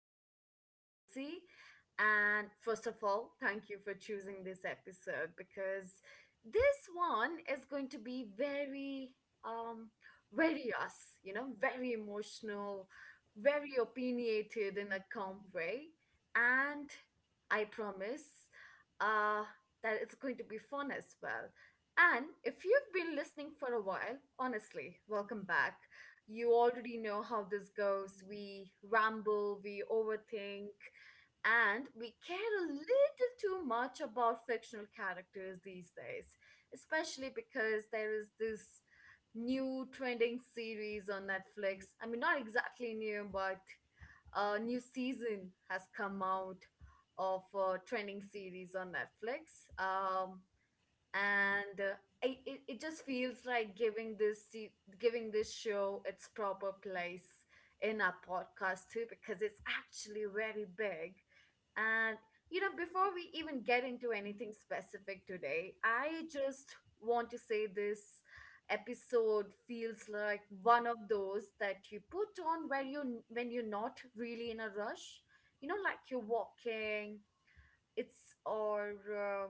here, I am Chelsea and first of all, thank you for choosing this episode because this one is going to be very um very us, you know, very emotional, very opinionated in a calm way and I promise uh that it's going to be fun as well. And if you've been listening for a while, honestly, welcome back. You already know how this goes. We ramble, we overthink, and we care a little too much about fictional characters these days, especially because there is this new trending series on Netflix. I mean, not exactly new, but a new season has come out of a trending series on Netflix. And uh, it just feels like giving giving this show its proper place in our podcast too because it's actually very big and you know before we even get into anything specific today I just want to say this episode feels like one of those that you put on where you when you're not really in a rush, you know, like you're walking it's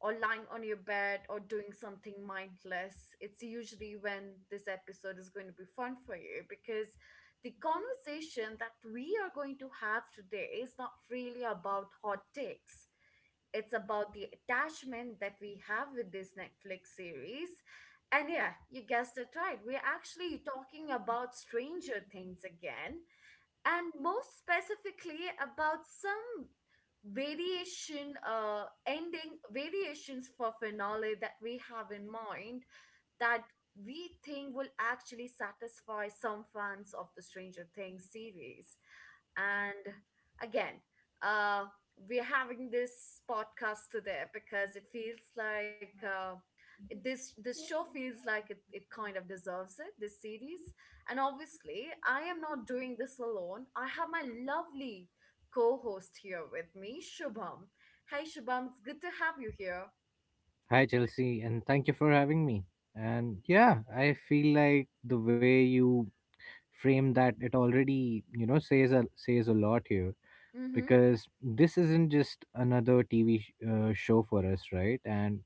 or lying on your bed or doing something mindless. It's usually when this episode is going to be fun for you because the conversation that we are going to have today is not really about hot takes. It's about the attachment that we have with this Netflix series. And yeah, you guessed it right, we're actually talking about Stranger Things again and more specifically about some variation ending variations for finale that we have in mind that we think will actually satisfy some fans of the Stranger Things series. And again, uh we're having this podcast today because it feels like this show feels like it kind of deserves it, this series. And obviously, I am not doing this alone. I have my lovely co host here with me, Shubham. Hey, Shubham, it's good to have you here. Hi, Chelsea, and thank you for having me. And yeah, I feel like the way you frame that it already, says a says a lot here Mm-hmm. because this isn't just another TV show for us, right? And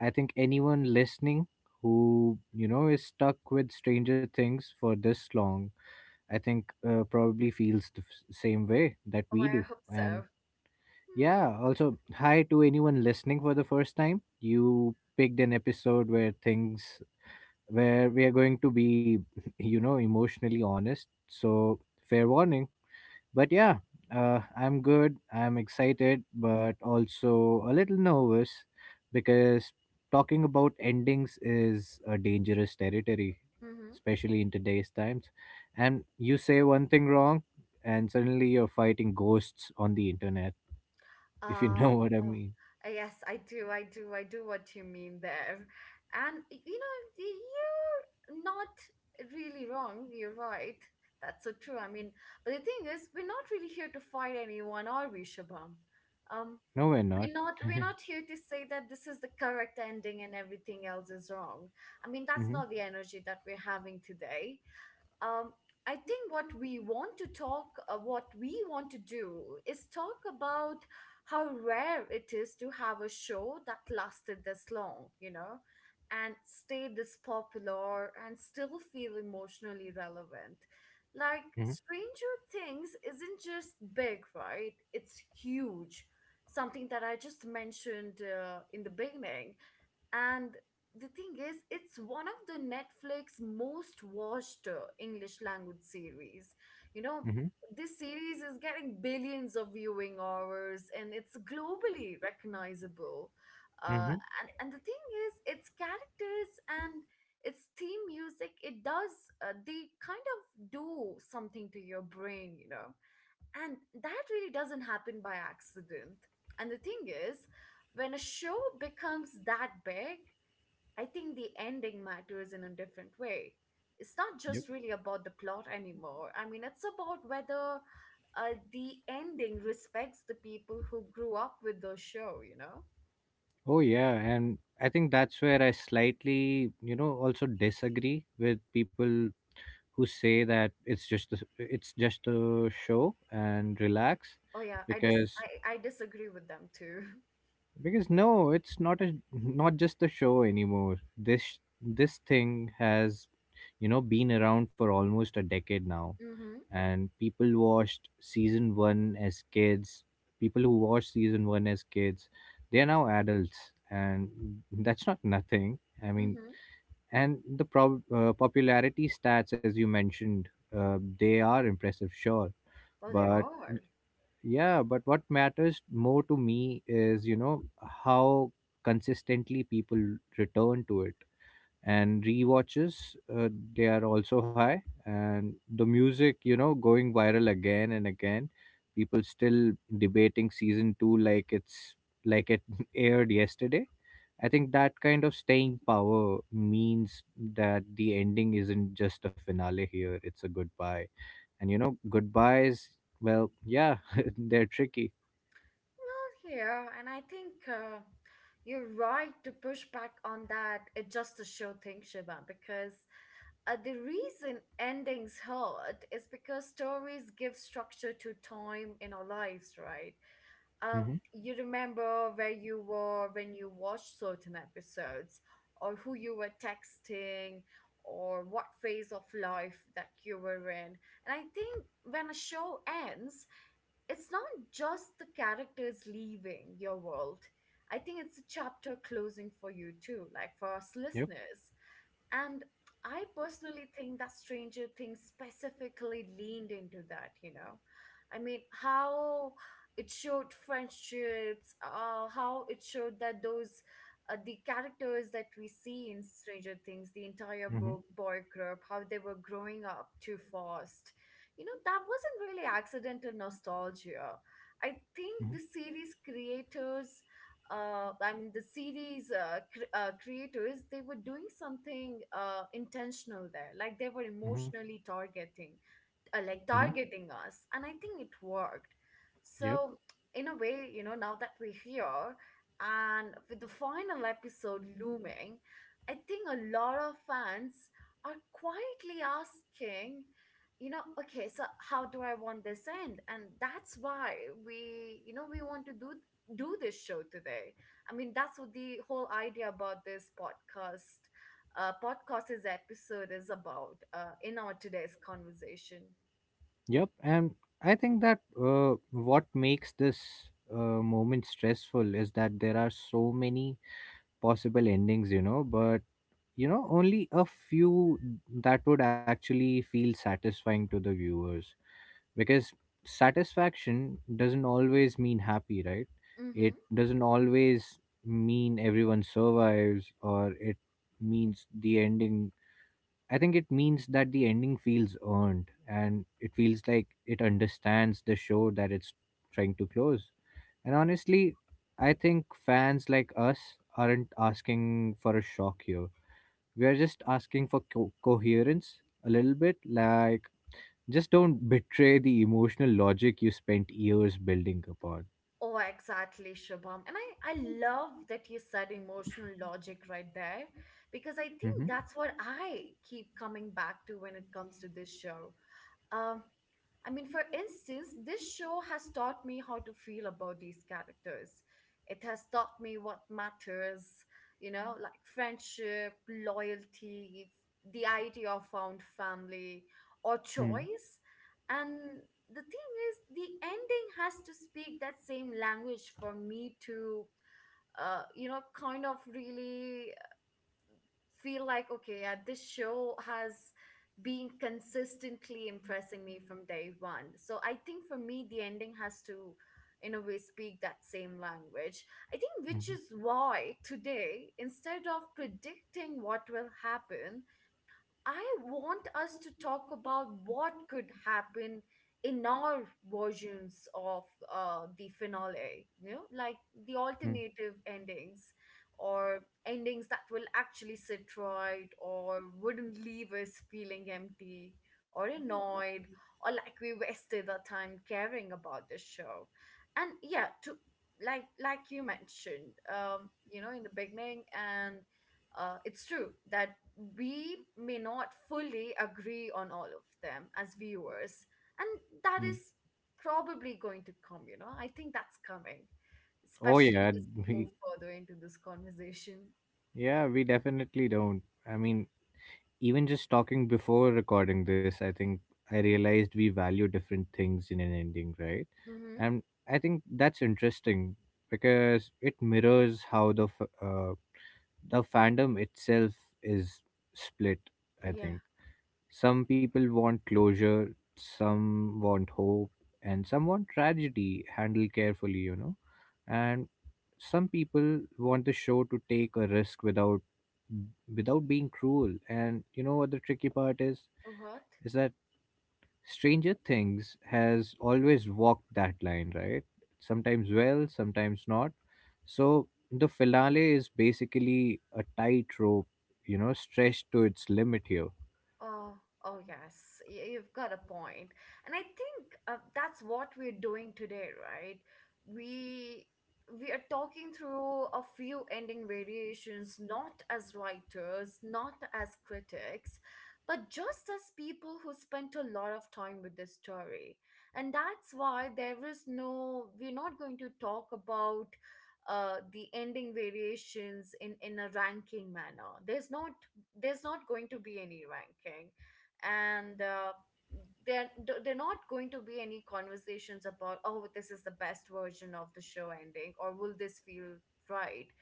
I think anyone listening who, you know, is stuck with Stranger Things for this long, I think probably feels the same way that Oh, we I do. hope so. And yeah, Mm-hmm. also, hi to anyone listening for the first time. You picked an episode where where we are going to be, you know, emotionally honest. So, fair warning. But yeah, I'm good. I'm excited, but also a little nervous because talking about endings is a dangerous territory, Mm-hmm. especially in today's times. And you say one thing wrong, and suddenly you're fighting ghosts on the internet, if you Uh, know what I oh, mean. Yes, I do. I do. I do what you mean there. And, you know, you're not really wrong. You're right. That's so true. I mean, but the thing is, we're not really here to fight anyone, are we, Shubham? Um, No, we're not. We're not here to say that this is the correct ending and everything else is wrong. I mean, that's Hmm. not the energy that we're having today. um, I think what we want to what we want to do is talk about how rare it is to have a show that lasted this long, you know, and stay this popular and still feel emotionally relevant. Like, Hmm. Stranger Things isn't just big, right? It's huge. Something that I just mentioned in the beginning. And the thing is, it's one of the Netflix most watched English language series. You know, Hmm. this series is getting billions of viewing hours and it's globally recognizable. Uh, Hmm. and the thing is, its characters and its theme music, they kind of do something to your brain, you know. And that really doesn't happen by accident. And the thing is, when a show becomes that big, I think the ending matters in a different way. It's not Yep. just really about the plot anymore. I mean, it's about whether the ending respects the people who grew up with the show, you know? Oh, yeah. And I think that's where I slightly, you know, also disagree with people who say that it's just a show and relax Oh yeah, I dis because I disagree with them too. because no it's not a not just a show anymore. This thing has, you know, been around for almost a decade now, Mm-hmm. and people watched season 1 as kids people Who watched season 1 as kids, they are now adults, and that's not nothing. I mean, Mm-hmm. and the popularity stats, as you mentioned, they are impressive, sure, Oh, there but are. yeah but what matters more to me is, you know, how consistently people return to it. And rewatches, they are also high, and the music, you know, going viral again and again, people still debating season 2 like it aired yesterday. I think that kind of staying power means that the ending isn't just a finale here, it's a goodbye. And you know goodbyes, well, yeah, they're tricky. Yeah, and I think you're right to push back on that. It's just a show thing, Shiva, because the reason endings hurt is because stories give structure to time in our lives, right? Hmm. You remember where you were when you watched certain episodes, or who you were texting, or what phase of life that you were in. And I think when a show ends, it's not just the characters leaving your world. I think it's a chapter closing for you too, like for us Yep. listeners. And I personally think that Stranger Things specifically leaned into that, you know. I mean, how it showed how it showed that the characters that we see in Stranger Things, the entire Hmm. Boy group, how they were growing up too fast. You know, that wasn't really accidental nostalgia. I think Hmm. the series creators I mean, the series creators, they were doing something intentional there. Like they were Hmm. emotionally Hmm. targeting us, and I think it worked. Yep. So in a way, you know, now that we're here and with the final episode looming, I think a lot of fans are quietly asking, you know, okay, so how do I want this end? And that's why we you know we want to do this show today. I mean, that's what the whole idea about this podcast podcast is episode is about, in our today's conversation. Yep, and I think that what makes this moment stressful is that there are so many possible endings, you know, but you know, only a few that would actually feel satisfying to the viewers because satisfaction doesn't always mean happy, right? Mm-hmm. It doesn't always mean everyone survives, or it means the ending, I think it means that the ending feels earned and it feels like it understands the show that it's trying to close. And honestly, I think fans like us aren't asking for a shock here. We are just asking for coherence a little bit. Like, just don't betray the emotional logic you spent years building upon. Oh, exactly, Shubham. And I love that you said emotional logic right there because I think Mm-hmm. that's what I keep coming back to when it comes to this show. Um. I mean, for instance, this show has taught me how to feel about these characters. It has taught me what matters, you know, like friendship, loyalty, the idea of found family, or Hmm. choice. And the thing is, the ending has to speak that same language for me to, you know, kind of really feel like okay, yeah, this show has been consistently impressing me from day one. So I think for me the ending has to in a way speak that same language, I think, which Mhm. is why today instead of predicting what will happen, I want us to talk about what could happen in our versions of the finale, you know, like the Mm. alternative endings or endings that will actually sit right or wouldn't leave us feeling empty or annoyed or like we wasted our time caring about this show. And yeah, to like you mentioned, you know, in the beginning, and it's true that we may not fully agree on all of them as viewers, and that Mm. is probably going to come, you know, I think that's coming, Oh especially yeah, as we move we further into this conversation. yeah, we definitely don't. I mean, even just talking before recording this, I think I realized we value different things in an ending, right? Mm-hmm. And I think that's interesting because it mirrors how the the fandom itself is split. I Yeah. think. Some people want closure, some want hope, and some want tragedy handled carefully, you know. And some people want the show to take a risk without being cruel. And you know what the tricky part is? What? Is that Stranger Things has always walked that line, right? Sometimes well, sometimes not. So the finale is basically a tightrope, you know, stretched to its limit here. Oh, oh yes, you've got a point. And I think that's what we're doing today, right? We we are talking through a few ending variations, not as writers, not as critics, but just as people who spent a lot of time with the story. And that's why there is no, we're not going to talk about the ending variations in a ranking manner. There's not going to be any ranking, and there not going to be any conversations about oh, this is the best version of the show ending or will this feel right.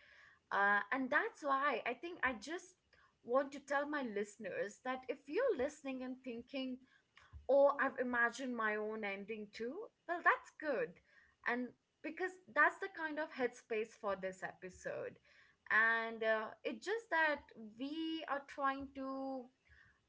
And that's why I think I just want to tell my listeners that if you're listening and thinking or I've imagined my own ending too, well, that's good. And because that's the kind of headspace for this episode. And it's just that we are trying to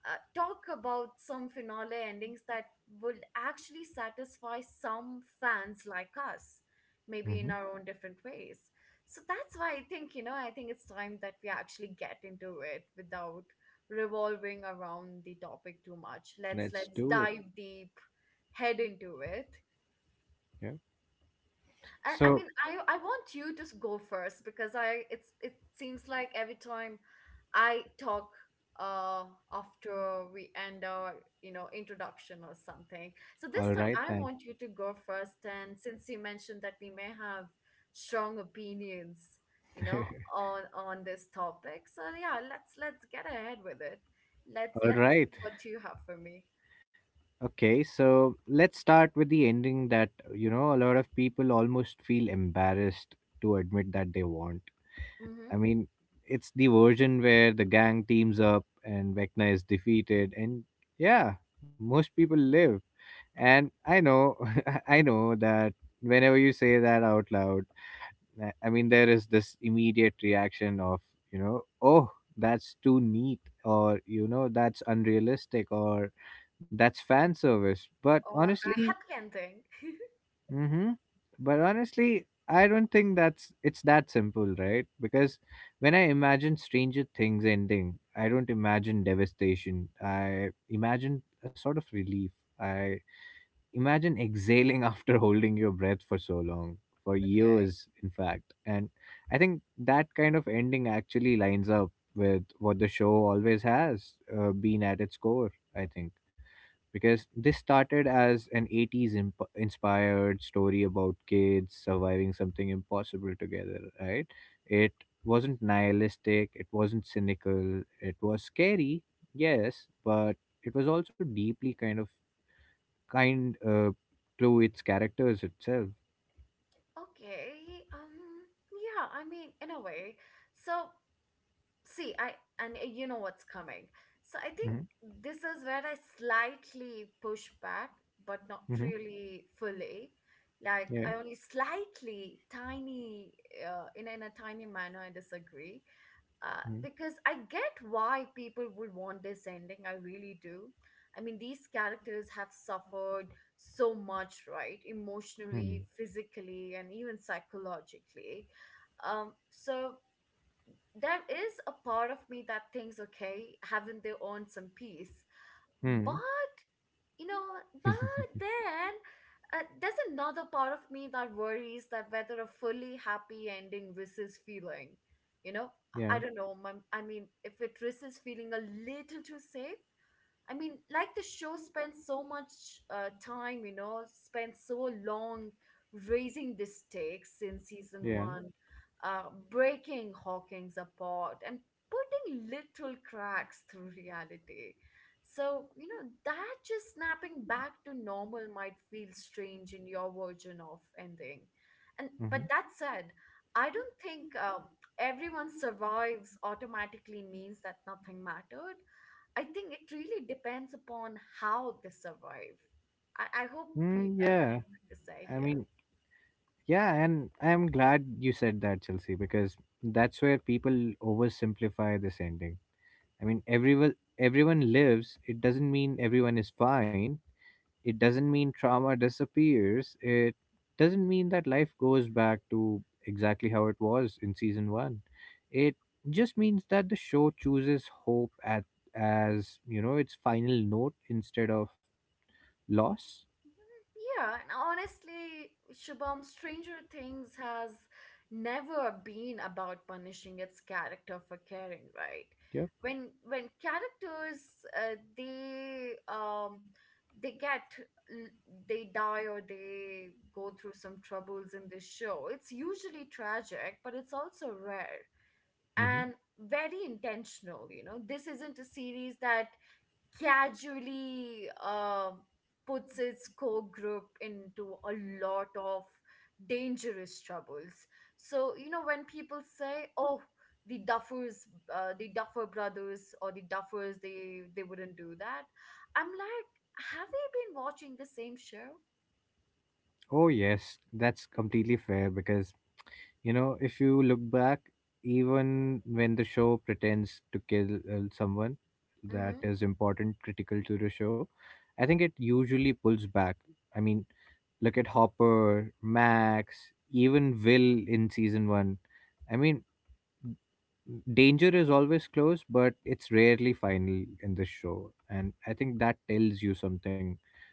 talk about some finale endings that would actually satisfy some fans like us, maybe in Hmm. our own different ways. So that's why I think, you know, I think it's time that we actually get into it without revolving around the topic too much. Let's Let's let's do it. dive deep, head into it. Yeah. And I So mean, I want you to go first because I it's it seems like every time I talk uh after we end our, you know, introduction or something. So all this time right I then. want you to go first, and since you mentioned that we may have strong opinions, you know, on this topic. So yeah, let's get ahead with it. All Let's right. see what you have for me. Okay. So let's start with the ending that, you know, a lot of people almost feel embarrassed to admit that they want. Mm-hmm. I mean, it's the version where the gang teams up and Vecna is defeated, and yeah, most people live. And I know, I know that whenever you say that out loud, I mean, there is this immediate reaction of, you know, oh, that's too neat, or, you know, that's unrealistic, or that's fan service. But Or a honestly, happy ending. mm-hmm. But honestly, I don't think that's, it's that simple, right? Because when I imagine Stranger Things ending, I don't imagine devastation. I imagine a sort of relief. I imagine exhaling after holding your breath for so long, for Okay. years, in fact. And I think that kind of ending actually lines up with what the show always has been at its core, I think, because this started as an 80s inspired story about kids surviving something impossible together, right? It wasn't nihilistic, it wasn't cynical, it was scary, yes, but it was also deeply kind to its characters itself. Okay. Yeah. I mean, in a way. So see, I and you know what's coming. So I think Hmm. this is where I slightly push back, but not Hmm. really fully. Like Yeah. I only slightly, tiny, in a tiny manner, I disagree because I get why people would want this ending. I really do. I mean, these characters have suffered so much, right? Mm-hmm. Emotionally, physically, and even psychologically. So there is a part of me that thinks, okay, haven't they earned some peace? Hmm. But you know, but then there's another part of me that worries that whether a fully happy ending risks feeling, you know, Yeah. I don't know. I mean, if it risks feeling a little too safe. I mean, like the show spends so much time, spent so long raising the stakes in season Yeah. one, uh, breaking Hawkins apart and putting little cracks through reality. So, you know, that just snapping back to normal might feel strange in your version of ending. And Hmm. but that said, I don't think everyone survives automatically means that nothing mattered. I think it really depends upon how they survive. I hope you Mm, get what yeah, I'm trying to say I here. mean, yeah, and I'm glad you said that, Chelsea, because that's where people oversimplify this ending. I mean, everyone lives. It doesn't mean everyone is fine. It doesn't mean trauma disappears. It doesn't mean that life goes back to exactly how it was in season 1. It just means that the show chooses hope at, as, you know, its final note instead of loss. Yeah, and honestly, Shubham, Stranger Things has never been about punishing its character for caring, right? Yeah. When characters, uh, they um they get l- they die or they go through some troubles in this show. It's usually tragic, but it's also rare. Hmm. And very intentional, you know, this isn't a series that casually puts its core group into a lot of dangerous troubles. So, you know, when people say, oh, the duffers, the duffer brothers, or the duffers, they wouldn't do that. I'm like, have we been watching the same show? Oh yes, that's completely fair because, you know, if you look back, even when the show pretends to kill someone that Mm-hmm. is important, critical to the show, I think it usually pulls back. I mean, look at Hopper, Max, even Will in season one. I mean, danger is always close but it's rarely final in the show, and I think that tells you something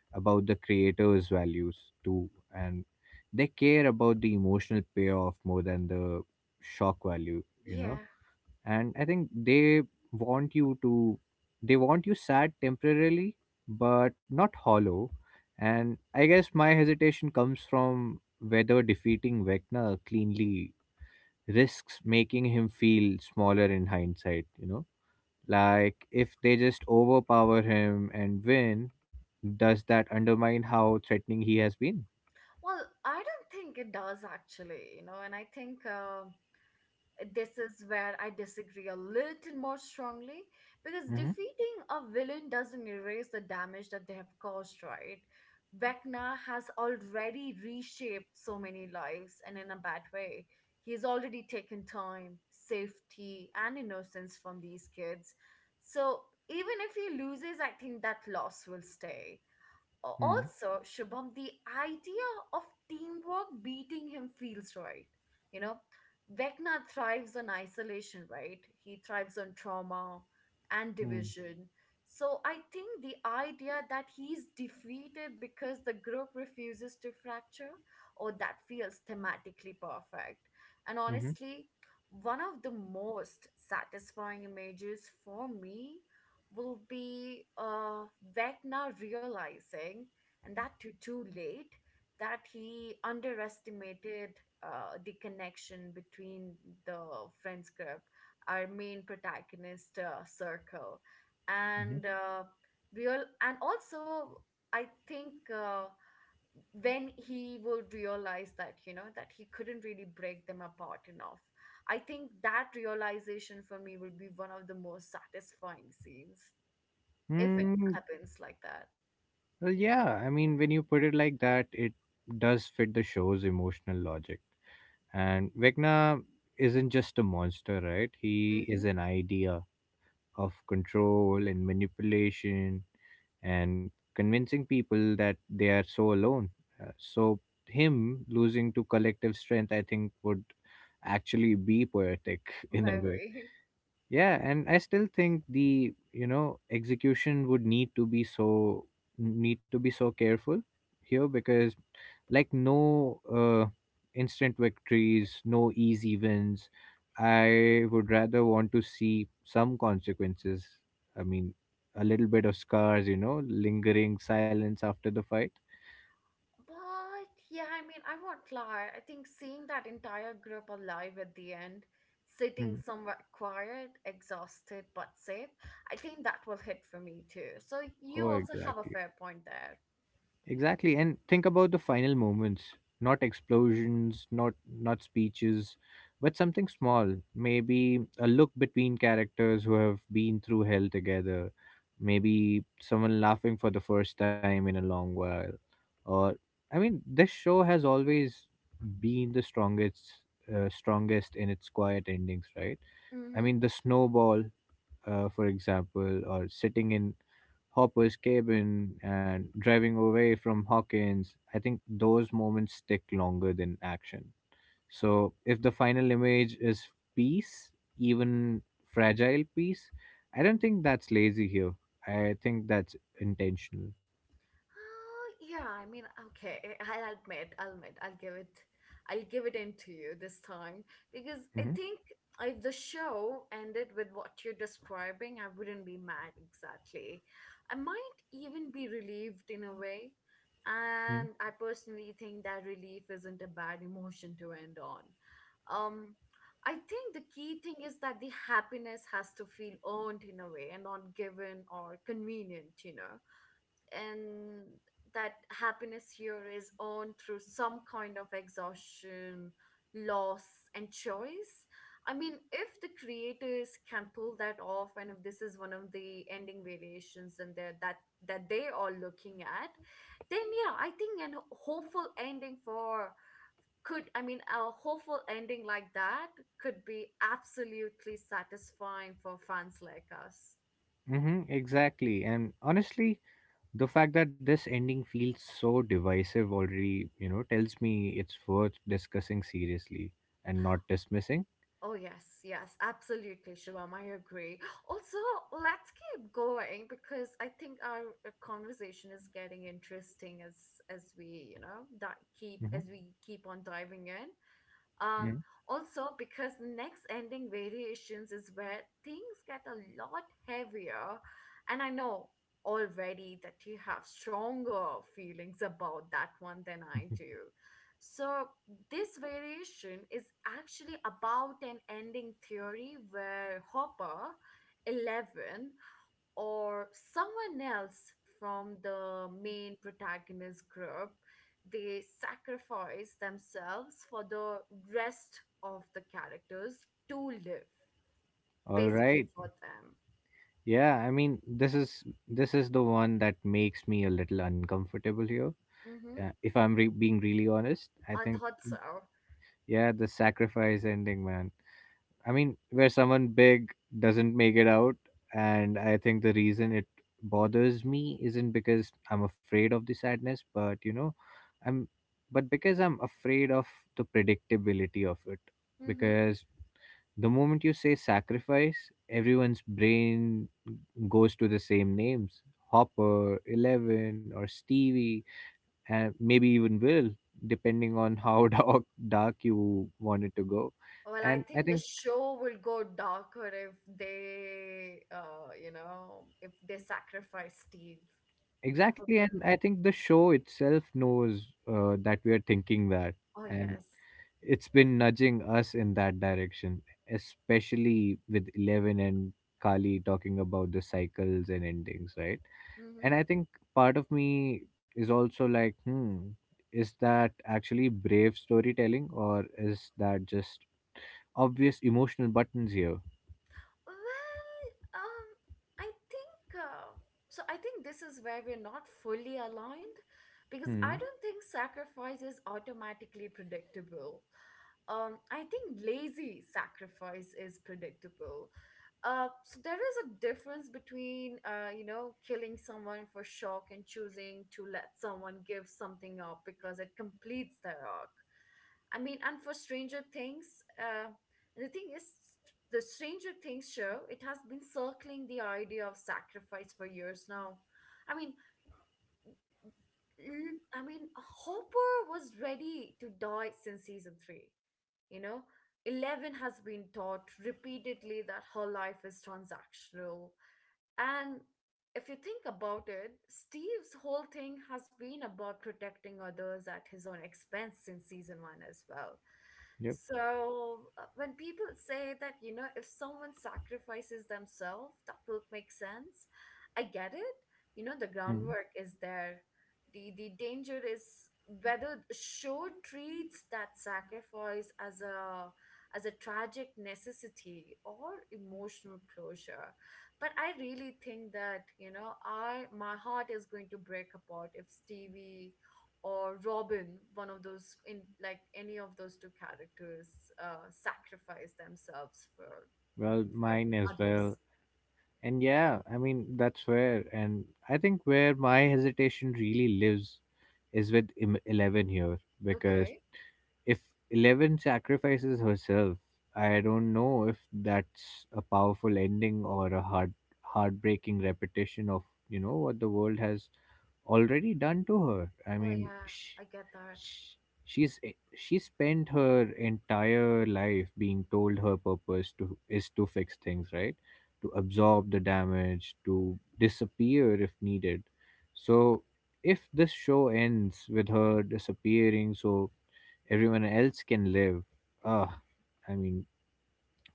about the creator's values too. And they care about the emotional payoff more than the shock value, you know. Yeah. And I think they want you to they want you sad temporarily but not hollow. And I guess my hesitation comes from whether defeating Vecna cleanly risks making him feel smaller in hindsight, you know? Like if they just overpower him and win, does that undermine how threatening he has been? Well, I don't think it does, actually. You know, and I think this is where I disagree a little more strongly, because Hmm. defeating a villain doesn't erase the damage that they have caused, right? Vecna has already reshaped so many lives, and in a bad way. He's already taken time, safety, and innocence from these kids. So even if he loses, I think that loss will stay. Hmm. Also, Shubham, the idea of teamwork beating him feels right. You know, Vecna thrives on isolation, right? He thrives on trauma and Hmm. division. So I think the idea that he's defeated because the group refuses to fracture, or that, feels thematically perfect. And Hmm. honestly, one of the most satisfying images for me will be Vecna realizing, and that too, too late, that he underestimated the connection between the friends group, our main protagonist circle, and Hmm. Real, and also I think when he will realize, that you know, that he couldn't really break them apart enough. I think that realization for me will be one of the most satisfying scenes, if it Mm, happens like that. well, yeah, I mean, when you put it like that, it does fit the show's emotional logic. And Vecna isn't just a monster, right? He Mm-hmm. is an idea, of control and manipulation and convincing people that they are so alone. So, him losing to collective strength, I think, would actually be poetic in a way. Very. Yeah, and I still think the, you know, execution would need to be so careful here because like no instant victories, no easy wins. I would rather want to see some consequences. I mean, a little bit of scars, you know, lingering silence after the fight. But yeah, I mean, I won't lie. I think seeing that entire group alive at the end, sitting Hmm. somewhat quiet, exhausted, but safe, I think that will hit for me too. So you Oh, also have a exactly. fair point there. Exactly, and think about the final moments. Not explosions, not speeches, but something small. Maybe a look between characters who have been through hell together. Maybe someone laughing for the first time in a long while. Or, I mean, this show has always been the strongest in its quiet endings, right? I Mm-hmm. mean, the snowball, for example, or sitting in Hopper's cabin and driving away from Hawkins, I think those moments stick longer than action. So, if the final image is peace, even fragile peace, I don't think that's lazy here. I think that's intentional. Yeah, I mean, okay, I'll admit, I'll give it in to you this time, because I Hmm. think if the show ended with what you're describing, I wouldn't be mad exactly. I might even be relieved in a way, Mhm. and I personally think that relief isn't a bad emotion to end on. Um, I think the key thing is that the happiness has to feel earned in a way and not given or convenient, you know, and that happiness here is earned through some kind of exhaustion, loss, and choice. I mean, if the creators can pull that off, and if this is one of the ending variations and that they are looking at, then yeah, I think an hopeful ending for could I mean, a hopeful ending like that could be absolutely satisfying for fans like us. Mm-hmm, exactly. And honestly, the fact that this ending feels so divisive already, you know, tells me it's worth discussing seriously and not dismissing. Oh, yes, yes, absolutely, Shivam. I agree. Also, let's keep going because I think our conversation is getting interesting, as we, you know, di- keep Mhm. as we keep on diving in. Uh, Yeah. Also, because the next ending variations is where things get a lot heavier, and I know already that you have stronger feelings about that one than I do. So, this variation is actually about an ending theory where Hopper, Eleven, or someone else from the main protagonist group, they sacrifice themselves for the rest of the characters to live, All basically right. for them. Yeah, I mean, this is the one that makes me a little uncomfortable here. Mm-hmm. If I'm being really honest, I I think thought so. yeah, the sacrifice ending, man. I mean, where someone big doesn't make it out, and I think the reason it bothers me isn't because I'm afraid of the sadness, but you know, I'm but because I'm afraid of the predictability of it. Mm-hmm. Because the moment you say sacrifice, everyone's brain goes to the same names: Hopper, Eleven, or Stevie, and maybe even Will, depending on how dark you want it to go. Well, I And I think the think, show will go darker if they sacrifice Steve. That would exactly, be, and I think the show itself knows that we are thinking that. oh, yes. And it's been nudging us in that direction, especially with Eleven and Kali talking about the cycles and endings, right? Mm-hmm. And I think part of me is also like, hmm, is that actually brave storytelling or is that just obvious emotional buttons here? Well, um, I think I think this is where we're not fully aligned, because Hmm. I don't think sacrifice is automatically predictable. I think lazy sacrifice is predictable. So there is a difference between you know, killing someone for shock and choosing to let someone give something up because it completes their arc. I mean, and for Stranger Things, the thing is, the Stranger Things show, it has been circling the idea of sacrifice for years now. I mean, Hopper was ready to die since season three. You know, Eleven has been taught repeatedly that her life is transactional, and if you think about it, Steve's whole thing has been about protecting others at his own expense since season one as well. Yep. So when people say that, you know, if someone sacrifices themselves, that will make sense. I get it. You know, the Hmm. groundwork is there. The danger is whether show treats that sacrifice as a tragic necessity or emotional closure. But I really think that, you know, I my heart is going to break apart if Stevie or Robin, one of those, in like any of those two characters, sacrifice themselves for Well, for mine as well. others. And yeah, I mean, that's where, and I think where my hesitation really lives is with Eleven here because Okay, if Eleven sacrifices herself, I don't know if that's a powerful ending or a heartbreaking repetition of, you know, what the world has already done to her. I well, mean, yeah, I get that. she, she's she spent her entire life being told her purpose to is to fix things, right? To absorb the damage, to disappear if needed. So if this show ends with her disappearing, so everyone else can live. Ah, I mean,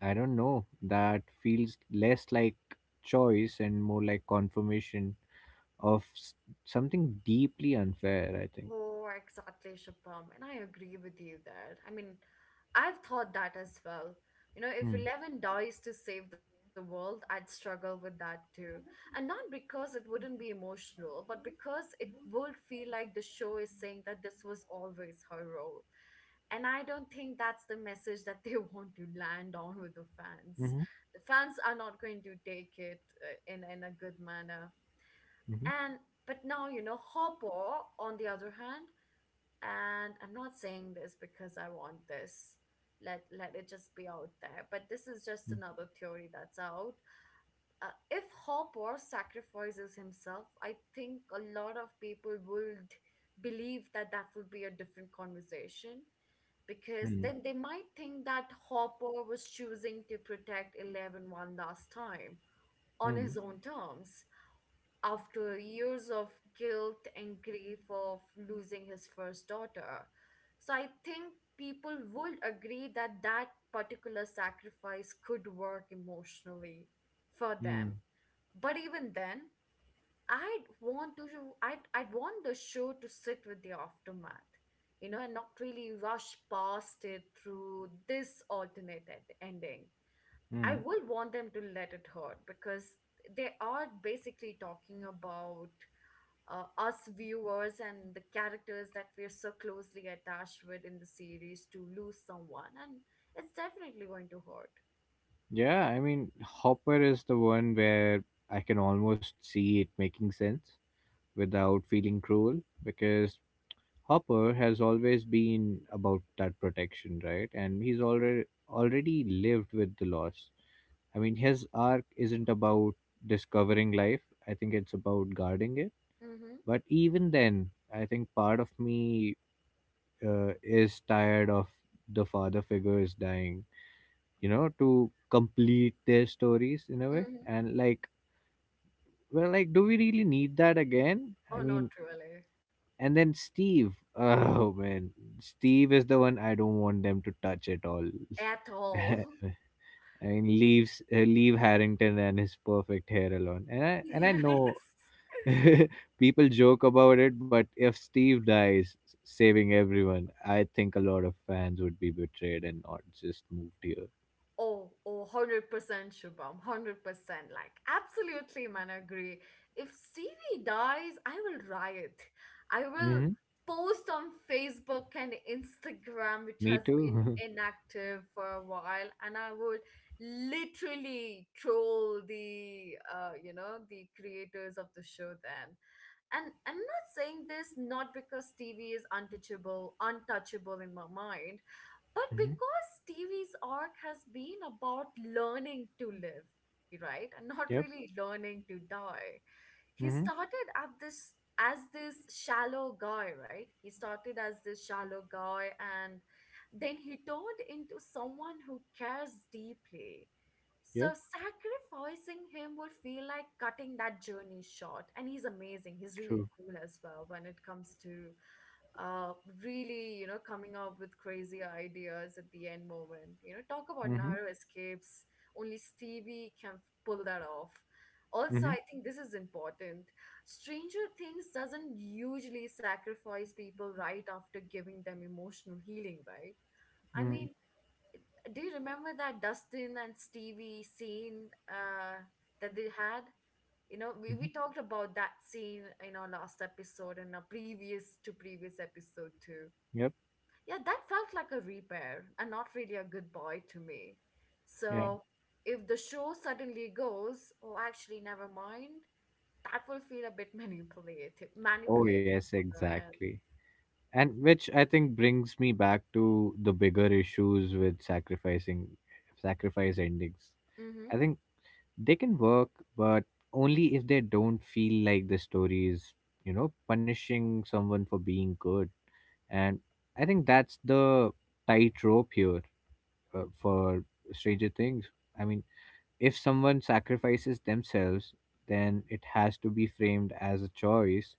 I don't know. That feels less like choice and more like confirmation of something deeply unfair, I think. Oh, exactly, Shubham. And I agree with you there. I mean, I've thought that as well. You know, if Hmm. Eleven dies to save the world, I'd struggle with that too. And not because it wouldn't be emotional, but because it would feel like the show is saying that this was always her role. And I don't think that's the message that they want to land on with the fans. Mm-hmm. The fans are not going to take it in a good manner. Mm-hmm. And but now, you know, Hopper, on the other hand, and I'm not saying this because I want this, let it just be out there, but this is just another theory that's out. If Hopper sacrifices himself, I think a lot of people would believe that that would be a different conversation, because Mm-hmm. then they might think that Hopper was choosing to protect Eleven one last time on his own terms, after years of guilt and grief of losing his first daughter. So I think people would agree that that particular sacrifice could work emotionally for Mm-hmm. them. But even then, I'd want to I'd want the show to sit with the aftermath, you know, and not really rush past it through this alternate ending. I Mm-hmm. will want them to let it hurt because they are basically talking about us viewers and the characters that we're so closely attached with in the series to lose someone, and it's definitely going to hurt. Yeah, I mean, Hopper is the one where I can almost see it making sense without feeling cruel because Hopper has always been about that protection, right? And he's already lived with the loss. I mean, his arc isn't about discovering life. I think it's about guarding it. Mm-hmm. But even then, I think part of me is tired of the father figures dying, to complete their stories in a way. Mm-hmm. And like, well, like, do we really need that again? Oh, not really And then Steve, oh man, Steve is the one I don't want them to touch at all. at all. I mean, leaves leave Harrington and his perfect hair alone. And I know Yes. people joke about it, but if Steve dies, saving everyone, I think a lot of fans would be betrayed and not just moved here. Oh, oh, 100% Shubham, 100%. Like, absolutely, man, agree. If Stevie dies, I will riot. I will hmm post on Facebook and Instagram, which Me has been too. inactive for a while, and I would literally troll the creators of the show then. And I'm not saying this not because Stevie is untouchable, in my mind, but hmm because Stevie's arc has been about learning to live, right? And not Yep. really learning to die. He hmm started at this as this shallow guy, right? He started as this shallow guy, and then he turned into someone who cares deeply. So Yep. sacrificing him would feel like cutting that journey short. And he's amazing. He's really True. cool as well when it comes to uh really, you know, coming up with crazy ideas at the end moment. You know, talk about hmm narrow escapes. Only Stevie can pull that off. Also, I hmm think this is important. Stranger Things doesn't usually sacrifice people right after giving them emotional healing, right? I hmm mean, do you remember that Dustin and Stevie scene that they had? You know, we hmm talked about that scene in our last episode and our previous to previous episode too. Yep. Yeah, that felt like a repair and not really a goodbye to me. Yeah. So if the show suddenly goes, oh, actually, never mind, that will feel a bit manipulative, Oh manipulative yes, on their end. exactly. And which I think brings me back to the bigger issues with sacrificing sacrifice endings. Mm-hmm. I think they can work, but only if they don't feel like the story is, you know, punishing someone for being good. And I think that's the tightrope here, for Stranger Things. I mean, if someone sacrifices themselves, then it has to be framed as a choice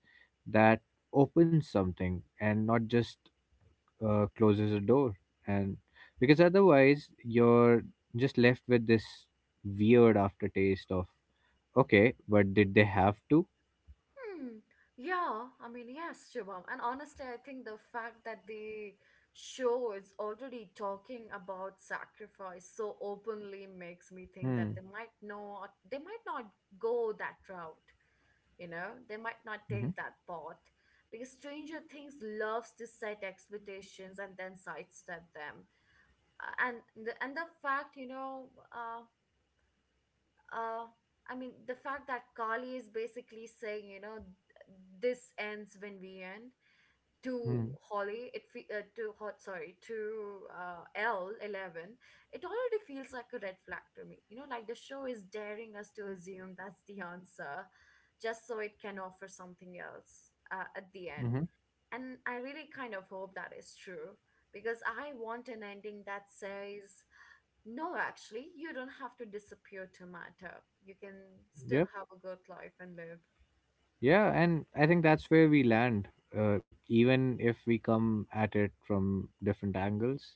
that opens something and not just closes a door. And because otherwise you're just left with this weird aftertaste of okay, but did they have to? Hmm. Yeah, I mean, yes, Shivam. And honestly, I think the fact that the show is already talking about sacrifice so openly makes me think that hmm they might not go that route. You know, they might not hmm take that path because Stranger Things loves to set expectations and then sidestep them. And the fact, you know, uh, uh, I mean, the fact that Carly is basically saying, you know, this ends when we end hmm to Holly — to hot, sorry, to L Eleven, it already feels like a red flag to me. You know, like the show is daring us to assume that's the answer, just so it can offer something else at the end. hmm And I really kind of hope that is true because I want an ending that says no, actually, you don't have to disappear to matter. You can still yep. have a good life and live. Yeah, and I think that's where we land, even if we come at it from different angles.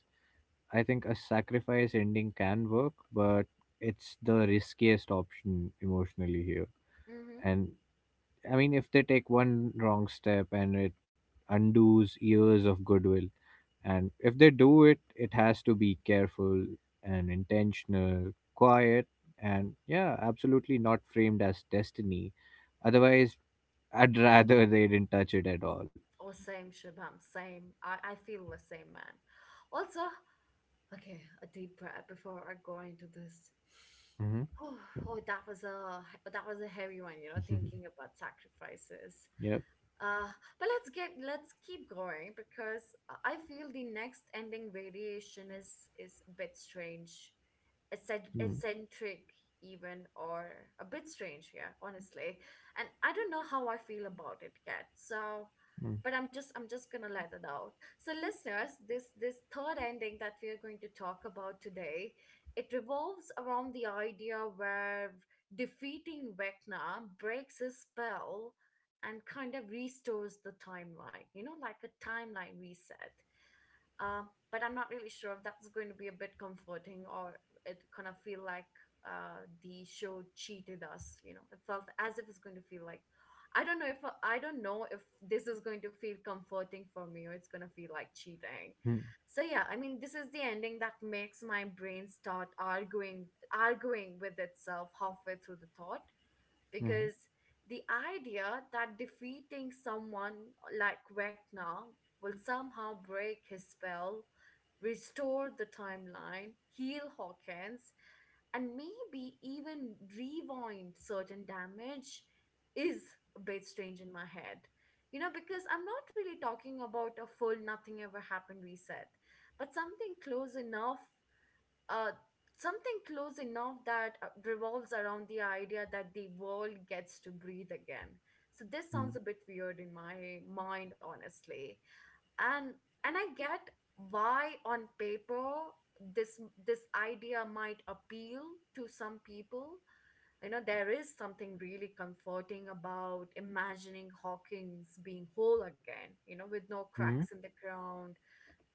I think a sacrifice ending can work, but it's the riskiest option emotionally here. Mm-hmm. And I mean, if they take one wrong step and it undoes years of goodwill, and if they do it, it has to be careful and intentional, quiet, and yeah, absolutely not framed as destiny. Otherwise, I'd rather they didn't touch it at all. Or same, Shabam, same. I feel the same, man. Also, okay, a deep breath before I go into this. hmm Oh, oh, that was a heavy one, thinking about sacrifices. yep. Uh, but let's keep going because I feel the next ending variation is a bit strange, Mm-hmm. eccentric even or a bit strange here, honestly. And I don't know how I feel about it yet. So, but I'm just gonna let it out. So, listeners, this third ending that we are going to talk about today, it revolves around the idea where defeating Vecna breaks his spell and kind of restores the timeline, you know, like a timeline reset. But I'm not really sure if that's going to be a bit comforting or it kind of feel like the show cheated us. You know, it felt as if it's going to feel like I don't know if I don't know if this is going to feel comforting for me or it's going to feel like cheating. Mm-hmm. So yeah, I mean, this is the ending that makes my brain start arguing with itself halfway through the thought because the idea that defeating someone like Vecna will somehow break his spell, restore the timeline, heal Hawkins, and maybe even rewind certain damage is a bit strange in my head. You know, because I'm not really talking about a full nothing ever happened reset, but uh, something close enough that revolves around the idea that the world gets to breathe again. So this Mm-hmm. sounds a bit weird in my mind, honestly. And and I get why on paper this this idea might appeal to some people. You know, there is something really comforting about imagining Hawkins being whole again, you know, with no cracks in the ground,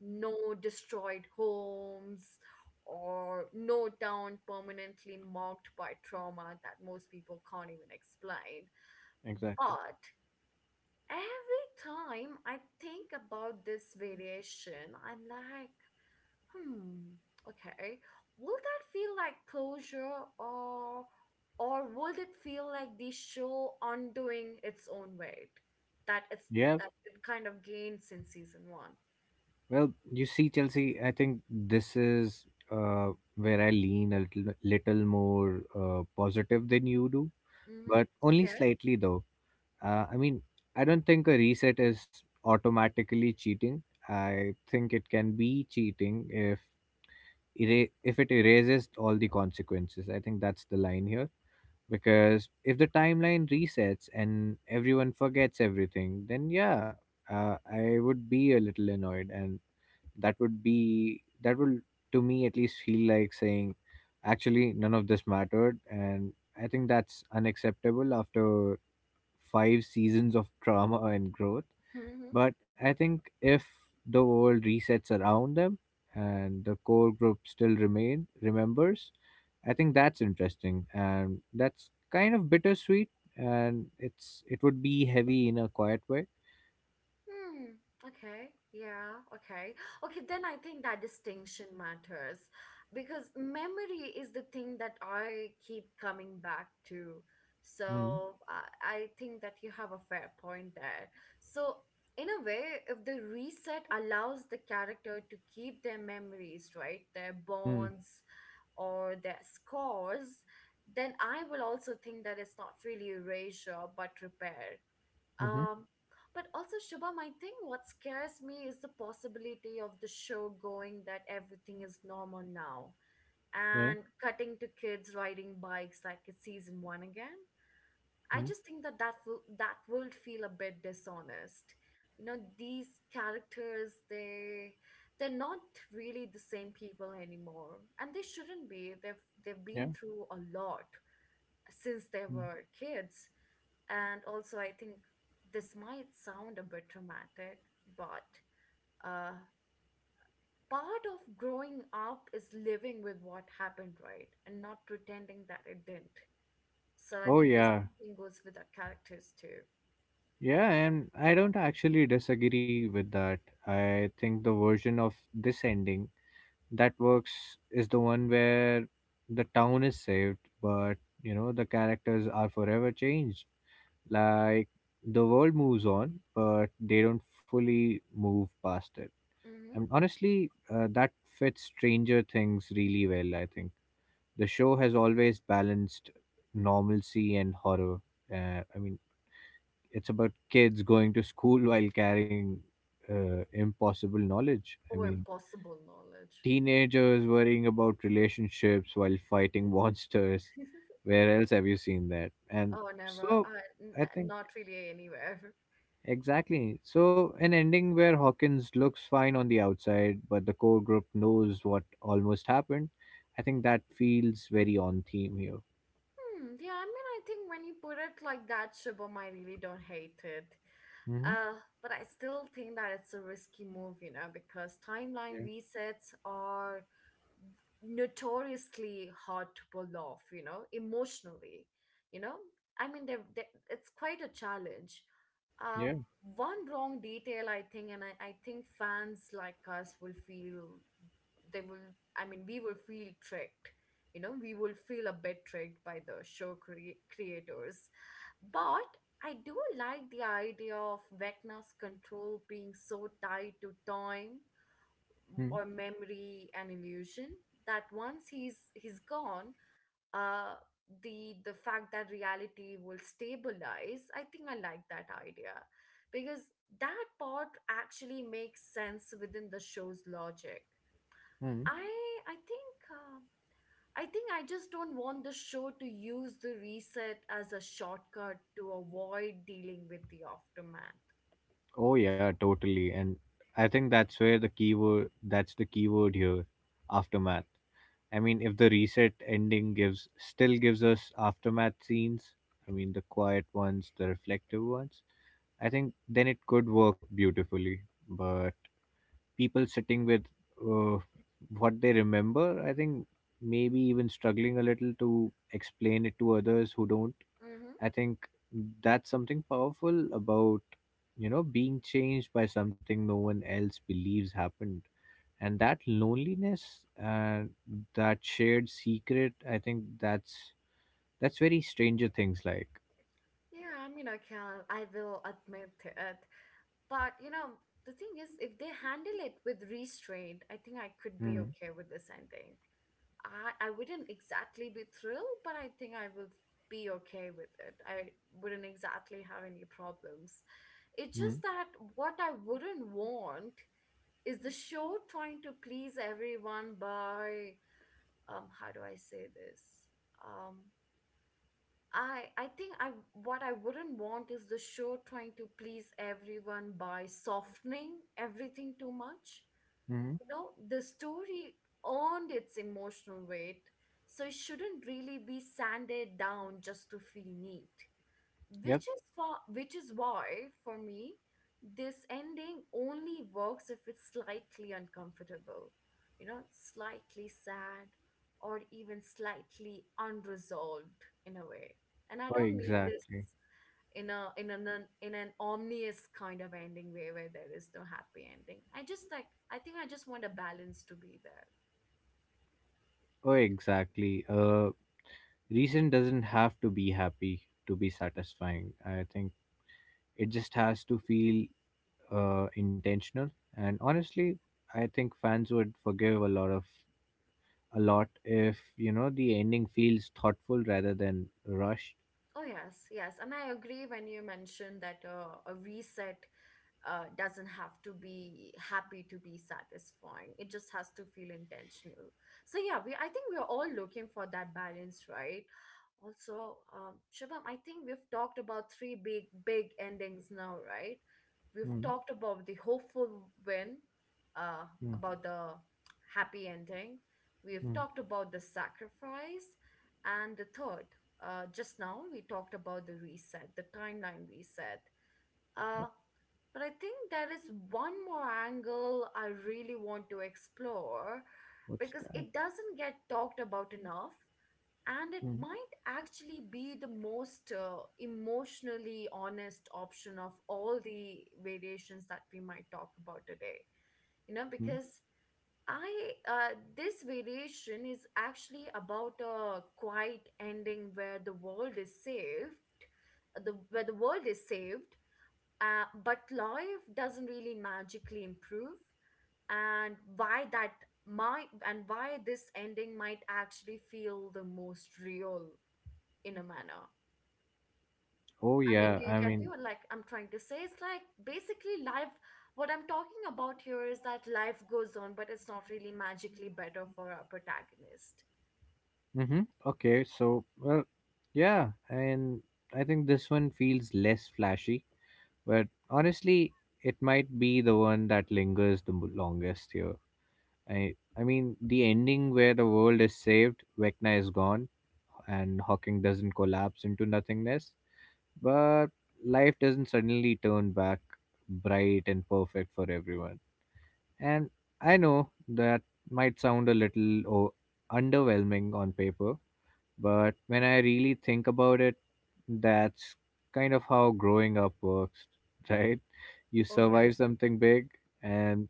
no destroyed homes or no town permanently marked by trauma that most people can't even explain. Exactly. But every time I think about this variation, I'm like, hmm, okay, will that feel like closure or would it feel like the show undoing its own weight that it's Yep. that it kind of gains in season one? Well, you see, Chelsea, I think this is where I lean a little more positive than you do, but Mm-hmm. only slightly though. I mean, I don't think a reset is automatically cheating. I think it can be cheating if if it erases all the consequences. I think that's the line here because if the timeline resets and everyone forgets everything, then yeah, I would be a little annoyed. And that would be that will, to me at least, feel like saying actually none of this mattered. And I think that's unacceptable after five seasons of trauma and growth. Okay. But I think if the world resets around them and the core group still remain remembers, I think that's interesting, and that's kind of bittersweet. And it would be heavy in a quiet way. Hmm. Okay. Yeah. Okay. Okay. Then I think that distinction matters because memory is the thing that I keep coming back to. Mm, So I think that you have a fair point there. So, in a way, if the reset allows the character to keep their memories, right, their mm. bonds or their scores, then I will also think that it's not really erasure but repair. Mm-hmm. Um, but also, Shubham, I think what scares me is the possibility of the show going that everything is normal now Yeah. and cutting to kids riding bikes like it's season one again. I Mm. just think that that will feel a bit dishonest. You know, these characters, they they're not really the same people anymore, and they shouldn't be. They've Yeah. been through a lot since they Mm. were kids. And also, I think this might sound a bit dramatic, but uh, part of growing up is living with what happened, right? And not pretending that it didn't. So I Oh think this yeah. thing goes with our characters too. Yeah, and I don't actually disagree with that. I think the version of this ending that works is the one where the town is saved, but you know, the characters are forever changed. Like the world moves on, but they don't fully move past it. Mm-hmm. And honestly, that fits Stranger Things really well, I think. The show has always balanced normalcy and horror. I mean, it's about kids going to school while carrying impossible knowledge. I Or mean, impossible knowledge. teenagers worrying about relationships while fighting monsters. Where else have you seen that? And Oh, never. so, I think Not really anywhere. exactly. So, an ending where Hawkins looks fine on the outside, but the core group knows what almost happened. I think that feels very on theme here. Hmm, yeah, I mean, I think when you put it like that, Shibum, I really don't hate it. Hmm. Uh, but I still think that it's a risky move, you know, because timeline Yeah. resets are notoriously hard to pull off, you know, emotionally. You know, I mean, they it's quite a challenge. Yeah. Um, One wrong detail, I think, and I think fans like us will feel they will, I mean, we will feel tricked. You know, we will feel a bit tricked by the show creators. But I do like the idea of Vecna's control being so tied to time or Hmm. memory and illusion that once he's gone, uh the fact that reality will stabilize, I think I like that idea because that part actually makes sense within the show's logic. i i think uh, I think I just don't want the show to use the reset as a shortcut to avoid dealing with the aftermath. Oh yeah, totally. And I think that's where the keyword that's the keyword here, aftermath. I mean, if the reset ending gives still gives us aftermath scenes, I mean the quiet ones, the reflective ones, I think then it could work beautifully. But people sitting with uh, what they remember, I think maybe even struggling a little to explain it to others who don't. Mm-hmm. I think that's something powerful about, you know, being changed by something no one else believes happened. And that loneliness, that shared secret, I think that's very Stranger Things like. Yeah, I mean, I will admit it. But you know, the thing is, if they handle it with restraint, I think I could be Mm. okay with this ending. I wouldn't exactly be thrilled, but I think I will be okay with it. I wouldn't exactly have any problems. It's just Mm. that what I wouldn't want is the show trying to please everyone by how do I say this? Um I think I What I wouldn't want is the show trying to please everyone by softening everything too much. Mm. You know, the story earned its emotional weight, so it shouldn't really be sanded down just to feel neat, Yep. Which is why for me this ending only works if it's slightly uncomfortable, you know, slightly sad or even slightly unresolved in a way. And I Oh, don't mean this exactly. in a in an- in an omnious kind of ending way where there is no happy ending. I just like, I think I just want a balance to be there. Oh, exactly. Reason doesn't have to be happy to be satisfying. I think it just has to feel intentional. And honestly, I think fans would forgive a lot if, you know, the ending feels thoughtful rather than rushed. Oh yes, yes, and I agree when you mentioned that a reset doesn't have to be happy to be satisfying. It just has to feel intentional. So yeah, we I think we are all looking for that balance, right? Also, Shubham, I think we've talked about three big endings now, right? We've Mm. talked about the hopeful win, uh, Mm. about the happy ending. We've Mm. talked about the sacrifice, and the third. Just now we talked about the reset, the timeline reset. Uh, but I think there is one more angle I really want to explore What's because that? it doesn't get talked about enough. And it Mm. might actually be the most emotionally honest option of all the variations that we might talk about today. You know, Mm. because this variation is actually about a quiet ending where the world is saved, where the world is saved, but life doesn't really magically improve, and why this ending might actually feel the most real in a manner. Oh I mean, yeah, do you I get me? mean, What, like I'm trying to say, it's like basically life. What I'm talking about here is that life goes on, but it's not really magically better for our protagonist. mm-hmm. Okay. So well, yeah, and I think this one feels less flashy, but honestly, it might be the one that lingers the longest here. I mean the ending where the world is saved, Vecna is gone, and Hawking doesn't collapse into nothingness. But life doesn't suddenly turn back bright and perfect for everyone. And I know that might sound a little oh, underwhelming on paper, but when I really think about it, that's kind of how growing up works, right? You Oh yes, survive something big, and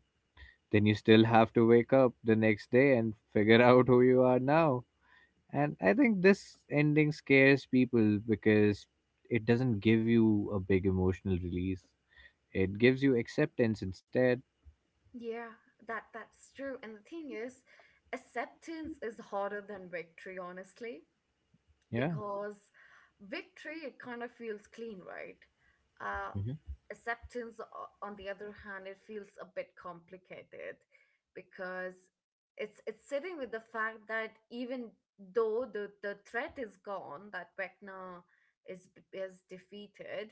then you still have to wake up the next day and figure out who you are now. And I think this ending scares people because it doesn't give you a big emotional release. It gives you acceptance instead. yeah, that that's true. And the thing is, acceptance is harder than victory, honestly. Yeah. Because victory it kind of feels clean, right? uh, Mhm. Acceptance on the other hand it feels a bit complicated because it's sitting with the fact that even though the threat is gone, that Vecna is defeated,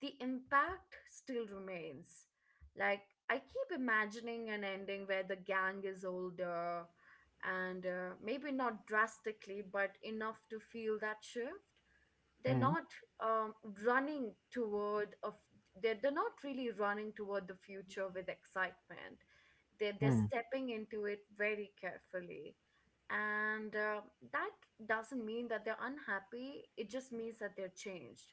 the impact still remains. Like, I keep imagining an ending where the gang is older and maybe not drastically, but enough to feel that shift. They're Hmm. not um, running toward of they're not really running toward the future with excitement. They're Hmm. stepping into it very carefully, and that doesn't mean that they're unhappy. It just means that they're changed.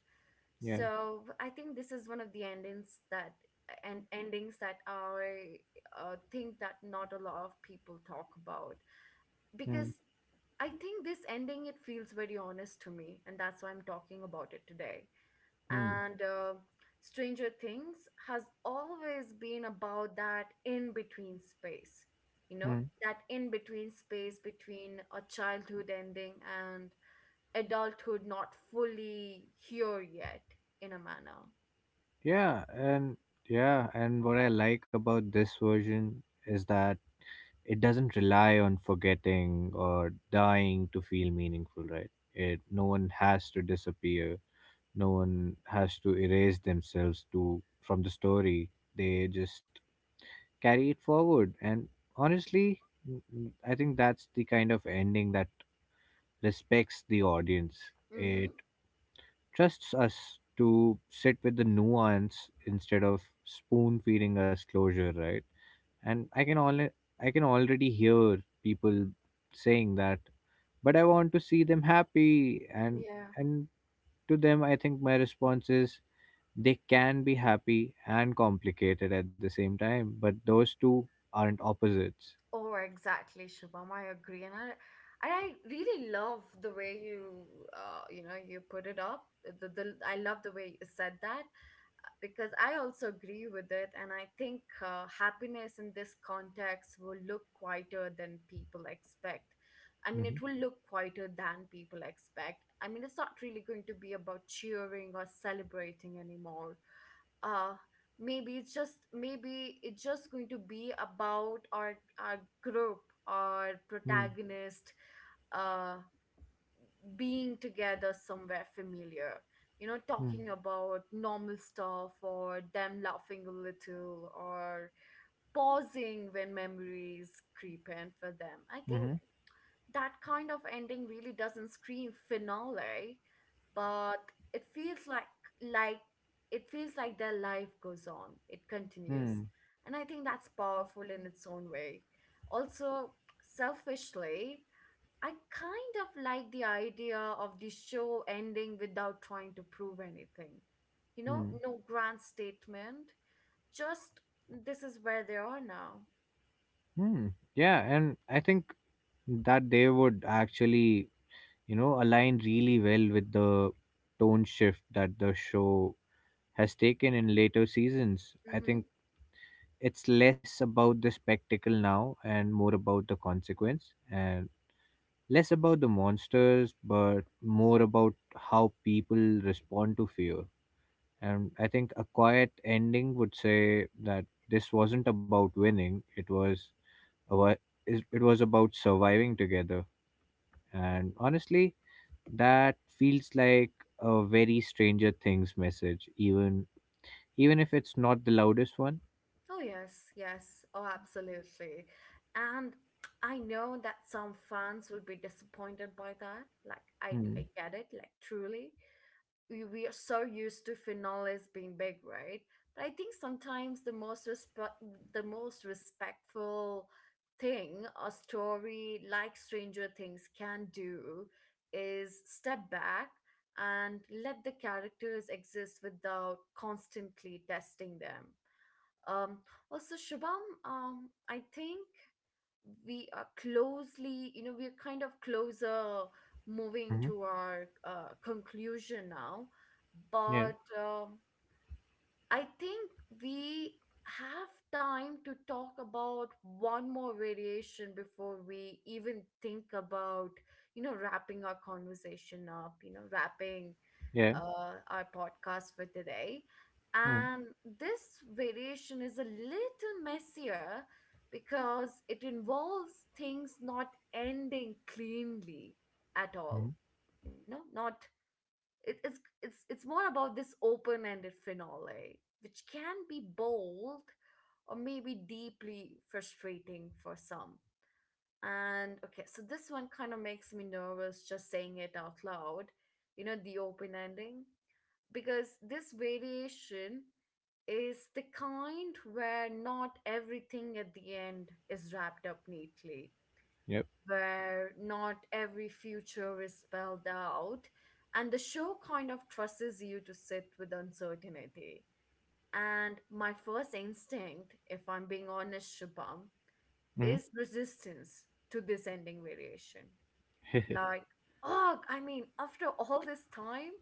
Yeah. So I think this is one of the endings that I think that not a lot of people talk about Hmm. because I think this ending it feels very honest to me, and that's why I'm talking about it today. Hmm. And Stranger Things has always been about that in between space, you know, Hmm. that in between space between a childhood ending and adulthood not fully here yet, in a manner. Yeah. And yeah. And what I like about this version is that it doesn't rely on forgetting or dying to feel meaningful, right? It No one has to disappear, no one has to erase themselves to from the story. They just carry it forward, and honestly, I think that's the kind of ending that respects the audience. Mm-hmm. It trusts us to sit with the nuance instead of spoon feeding us closure, right? And I can only I can already hear people saying that but I want to see them happy. and Yeah. and to them I think my response is they can be happy and complicated at the same time, but those two aren't opposites. Oh, exactly, Shubham. I agree, and and I really love the way you, you put it up. The I love the way you said that because I also agree with it, and I think happiness in this context will look quieter than people expect. I mean, it Mhm. will look quieter than people expect. I mean, it's not really going to be about cheering or celebrating anymore. uh Maybe it's just going to be about our group, our Hmm. protagonist, uh being together somewhere familiar, you know, Hmm. talking about normal stuff or them laughing a little or pausing when memories creep in for them. I think Mhm. that kind of ending really doesn't scream finale, but it feels like, like it feels like their life goes on, it continues, Hmm. and I think that's powerful in its own way. Also, selfishly, I kind of like the idea of the show ending without trying to prove anything, you know, Hmm. no grand statement, just this is where they are now. Hmm. Yeah, and I think that they would actually, you know, align really well with the tone shift that the show has taken in later seasons. I Mm-hmm. think it's less about the spectacle now and more about the consequence. And less about the monsters, but more about how people respond to fear. And I think a quiet ending would say that this wasn't about winning, it was about, it was about surviving together. And honestly, that feels like a very Stranger Things message, even even if it's not the loudest one. Oh, yes, yes. Oh, absolutely. And I know that some fans will be disappointed by that. Like, I, Hmm. I get it, like, truly. We are so used to finales being big, right? But I think sometimes the the most respectful thing a story like Stranger Things can do is step back and let the characters exist without constantly testing them. Um, Also, Shubham, I think we are closely, we're kind of closer moving Hmm. to our conclusion now. Yeah. But I think we have time to talk about one more variation before we even think about, you know, wrapping our conversation up, you know, wrapping Yeah. Our podcast for today. Hmm. And this variation is a little messier because it involves things not ending cleanly at Hmm. all. You know, not it, it's more about this open-ended finale, which can be bold or maybe deeply frustrating for some. And okay, so this one kind of makes me nervous just saying it out loud. You know, the open ending, because this variation is the kind where not everything at the end is wrapped up neatly, Yep. where not every future is spelled out, and the show kind of trusts you to sit with uncertainty. And my first instinct, if I'm being honest, Shubham, Hmm. is resistance to this ending variation. Like, oh, I mean, after all this time,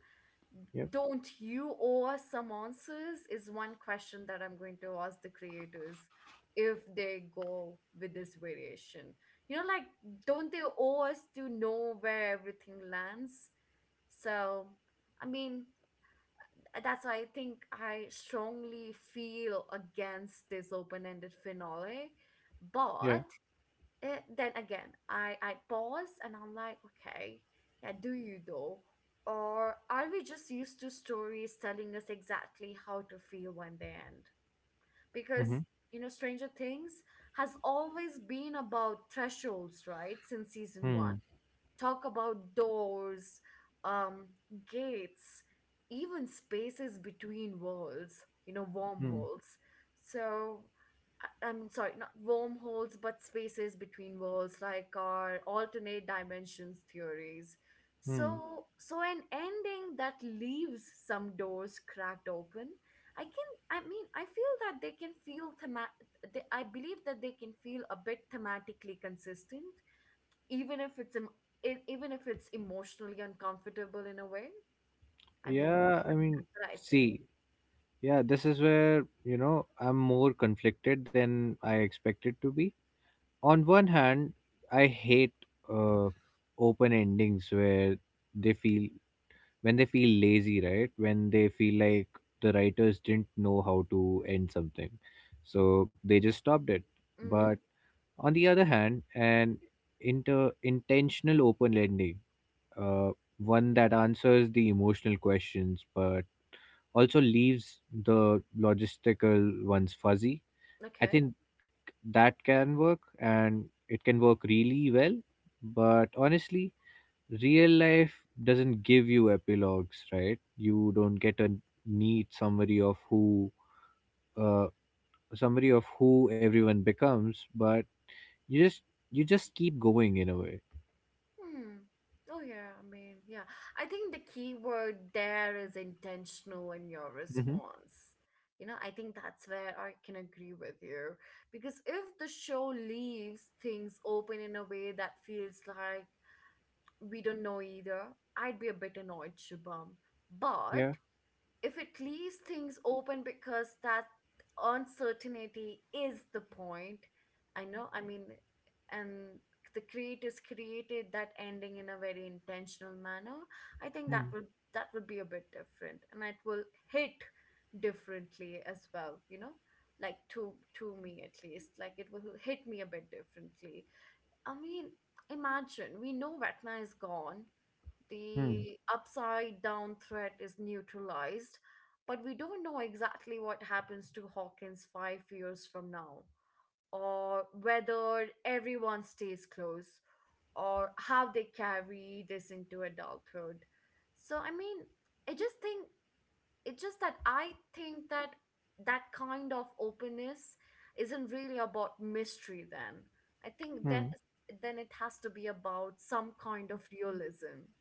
Yep. don't you owe us some answers, is one question that I'm going to ask the creators if they go with this variation. You know, like, don't they owe us to know where everything lands? So, I mean, that's why I think I strongly feel against this open-ended finale. Yeah. But eh, then again, I pause and I'm like, okay, yeah, do you though? Or are we just used to stories telling us exactly how to feel when they end? Hmm. Because, you know, Stranger Things has always been about thresholds, right? Since season Hmm. one, talk about doors, um, gates, even spaces between worlds, you know, Hmm. wormholes. So, I'm sorry, not wormholes, but spaces between worlds, like our alternate dimensions theories. Mm. Hmm. So, an ending that leaves some doors cracked open. I can, I mean, I feel that they can feel thema- They, I believe that they can feel a bit thematically consistent even if it's em- e- even if it's emotionally uncomfortable in a way. I mean, Yeah, I mean, that's what I think. see, yeah, this is where, you know, I'm more conflicted than I expected to be. On one hand, I hate uh, open endings where they feel, when they feel lazy, right? When they feel like the writers didn't know how to end something. So they just stopped it. But Hmm on the other hand, an inter intentional open ending, uh, one that answers the emotional questions, but also leaves the logistical ones fuzzy. I Okay. think that can work, and it can work really well, but honestly, real life doesn't give you epilogues, right? You don't get a neat uh summary of who everyone becomes, but you just keep going in a way. Hmm. Oh yeah. I mean, yeah. I think the key word there is intentional in your Hmm. response. You know, I think that's where I can agree with you, because if the show leaves things open in a way that feels like we don't know either, I'd be a bit annoyed, Shubham. But Yeah. if it leaves things open because that uncertainty is the point, I know, I mean, and the creators created that ending in a very intentional manner, I think that would, that would be a bit different, and it will hit differently as well. You know, like, to me at least, like, it will hit me a bit differently. I mean, imagine we know Ratna is gone, Mm-hmm. the upside down threat is neutralized, but we don't know exactly what happens to Hawkins 5 years from now, or whether everyone stays close, or how they carry this into adulthood. So, I mean, I just think it's just that I think that that kind of openness isn't really about mystery then. I think then it has to be about some kind of realism.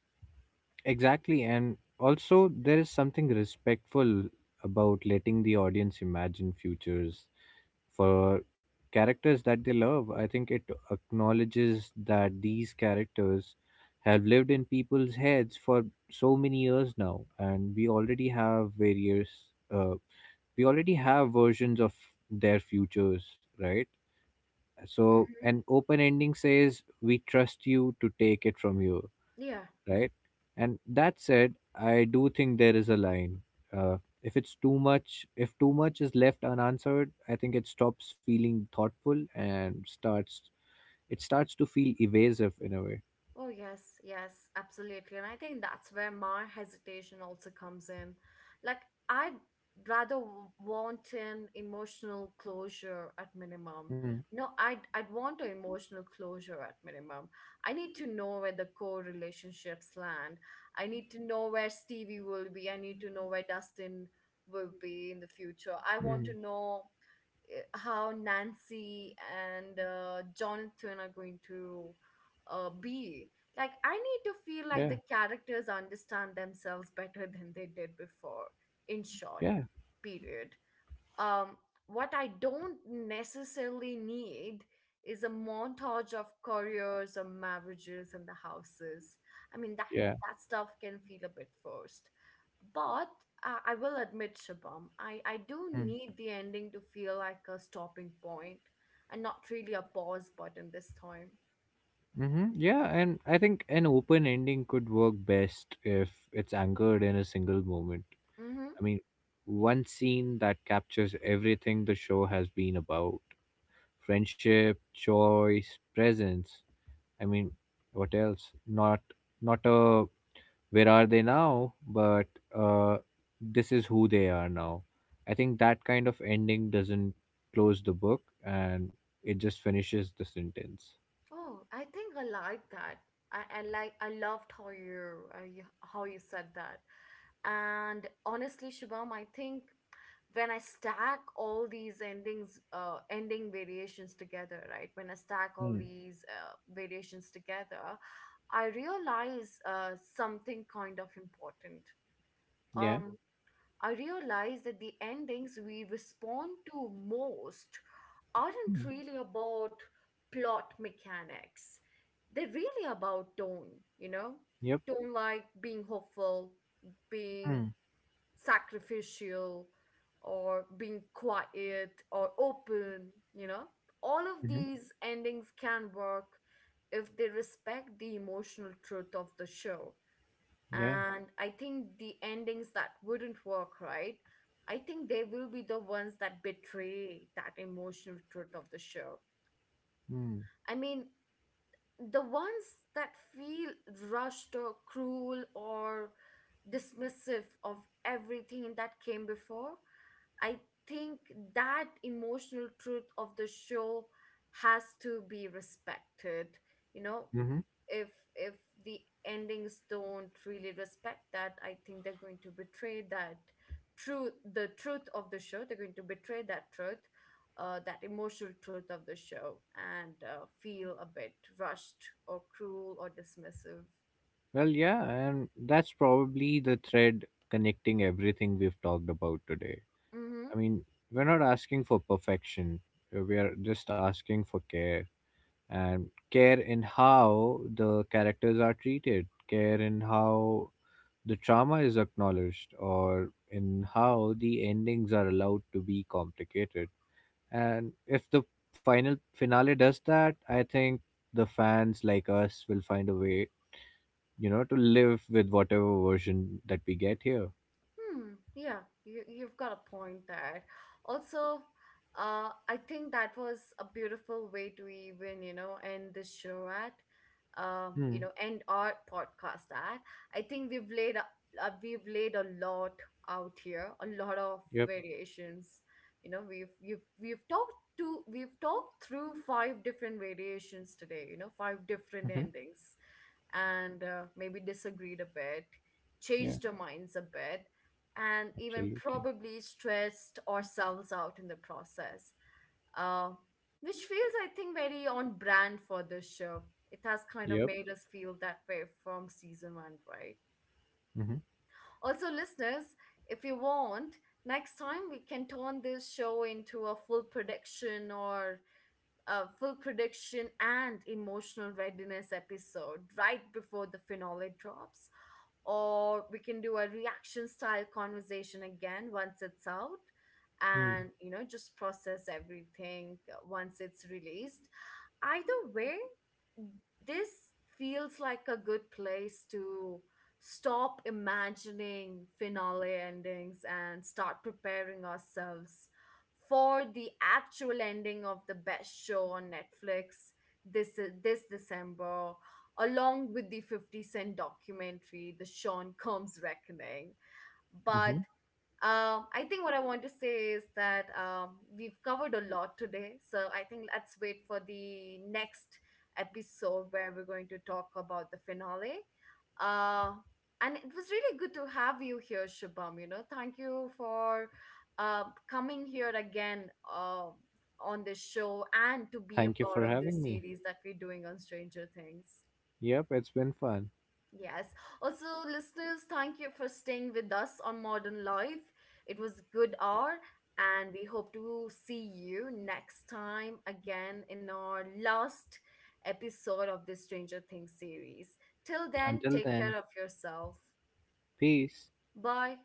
Exactly, and also there is something respectful about letting the audience imagine futures for characters that they love. I think it acknowledges that these characters have lived in people's heads for so many years now, and we already have various, uh, we already have versions of their futures, right? So, Mhm. an open ending says, we trust you to take it from here, Yeah. right? And that said, I do think there is a line. Uh, if it's too much, if too much is left unanswered, I think it stops feeling thoughtful and starts it starts to feel evasive in a way. Oh, yes, yes, absolutely. And I think that's where my hesitation also comes in. Like, I'd rather want an emotional closure at minimum. Mm. You know, I'd want an emotional closure at minimum. I need to know where the core relationships land. I need to know where Stevie will be. I need to know where Dustin will be in the future. I want Mm. to know how Nancy and Jonathan are going to be. Like, I need to feel like Yeah. the characters understand themselves better than they did before, in short, Yeah. period. um, what I don't necessarily need is a montage of careers or marriages and the houses. I mean, Yeah. that stuff can feel a bit forced, but I will admit, Shabam, I do Mm. need the ending to feel like a stopping point and not really a pause button this time. Hmm. Yeah, and I think an open ending could work best if it's anchored in a single moment. Mm-hmm. I mean, one scene that captures everything the show has been about, friendship, choice, presence. I mean, what else? Not not a where are they now, but uh, this is who they are now. I think that kind of ending doesn't close the book, and it just finishes the sentence. Oh, I think I like that. I loved how you, you, how you said that. And honestly, Shubham, I think when I stack all these endings, ending variations together, right? When I stack all Hmm. these variations together, I realize something kind of important. Yeah. Um, I realize that the endings we respond to most aren't Mm. really about plot mechanics, they're really about tone, you know, Yep. tone like being hopeful, being Mm. sacrificial, or being quiet or open, you know. All of Mhm. these endings can work if they respect the emotional truth of the show. Yeah. And I think the endings that wouldn't work, right? I think they will be the ones that betray that emotional truth of the show. Mm. Hmm. I mean, the ones that feel rushed or cruel or dismissive of everything that came before. I think that emotional truth of the show has to be respected. You know, Mm-hmm. if if the endings don't really respect that, I think they're going to betray that truth, the truth of the show. They're going to betray that truth, that emotional truth of the show, and feel a bit rushed or cruel or dismissive. Well, yeah, and that's probably the thread connecting everything we've talked about today. Mm-hmm. I mean, we're not asking for perfection. We are just asking for care. And care in how the characters are treated, care in how the trauma is acknowledged, or in how the endings are allowed to be complicated. And if the finale does that, I think the fans like us will find a way, you know, to live with whatever version that we get here. Hmm. Yeah, you've got a point there. Also, I think that was a beautiful way to even, you know, end the show at, Hmm. you know, end our podcast at. I think we've laid a lot out here, a lot of Yep. variations. You know, we've talked to we've talked through five different variations today. You know, five different Mm-hmm. endings, and maybe disagreed a bit, Yeah. changed our minds a bit, and even Absolutely. probably stressed ourselves out in the process. Uh, which feels, I think, very on brand for this show. It has kind of Yep. made us feel that way from season one, right? Mm-hmm. Also, listeners, if you want, next time we can turn this show into a full prediction and emotional readiness episode right before the finale drops, or we can do a reaction style conversation again once it's out, and you know, just process everything once it's released. Either way, this feels like a good place to stop imagining finale endings and start preparing ourselves for the actual ending of the best show on Netflix this December, along with the 50 Cent documentary The Sean Combs Reckoning. but Mm-hmm. um, I think what I want to say is that we've covered a lot today. So I think let's wait for the next episode where we're going to talk about the finale. Uh, and it was really good to have you here, Shubham. You know, thank you for uh, coming here again, on this show and to be Thank a you for part of having this me. series that we're doing on Stranger Things. Yep. It's been fun. Yes. Also, listeners, thank you for staying with us on Modern Life. It was a good hour, and we hope to see you next time again in our last episode of this Stranger Things series. Till then, Until take then. care of yourself. Peace. Bye.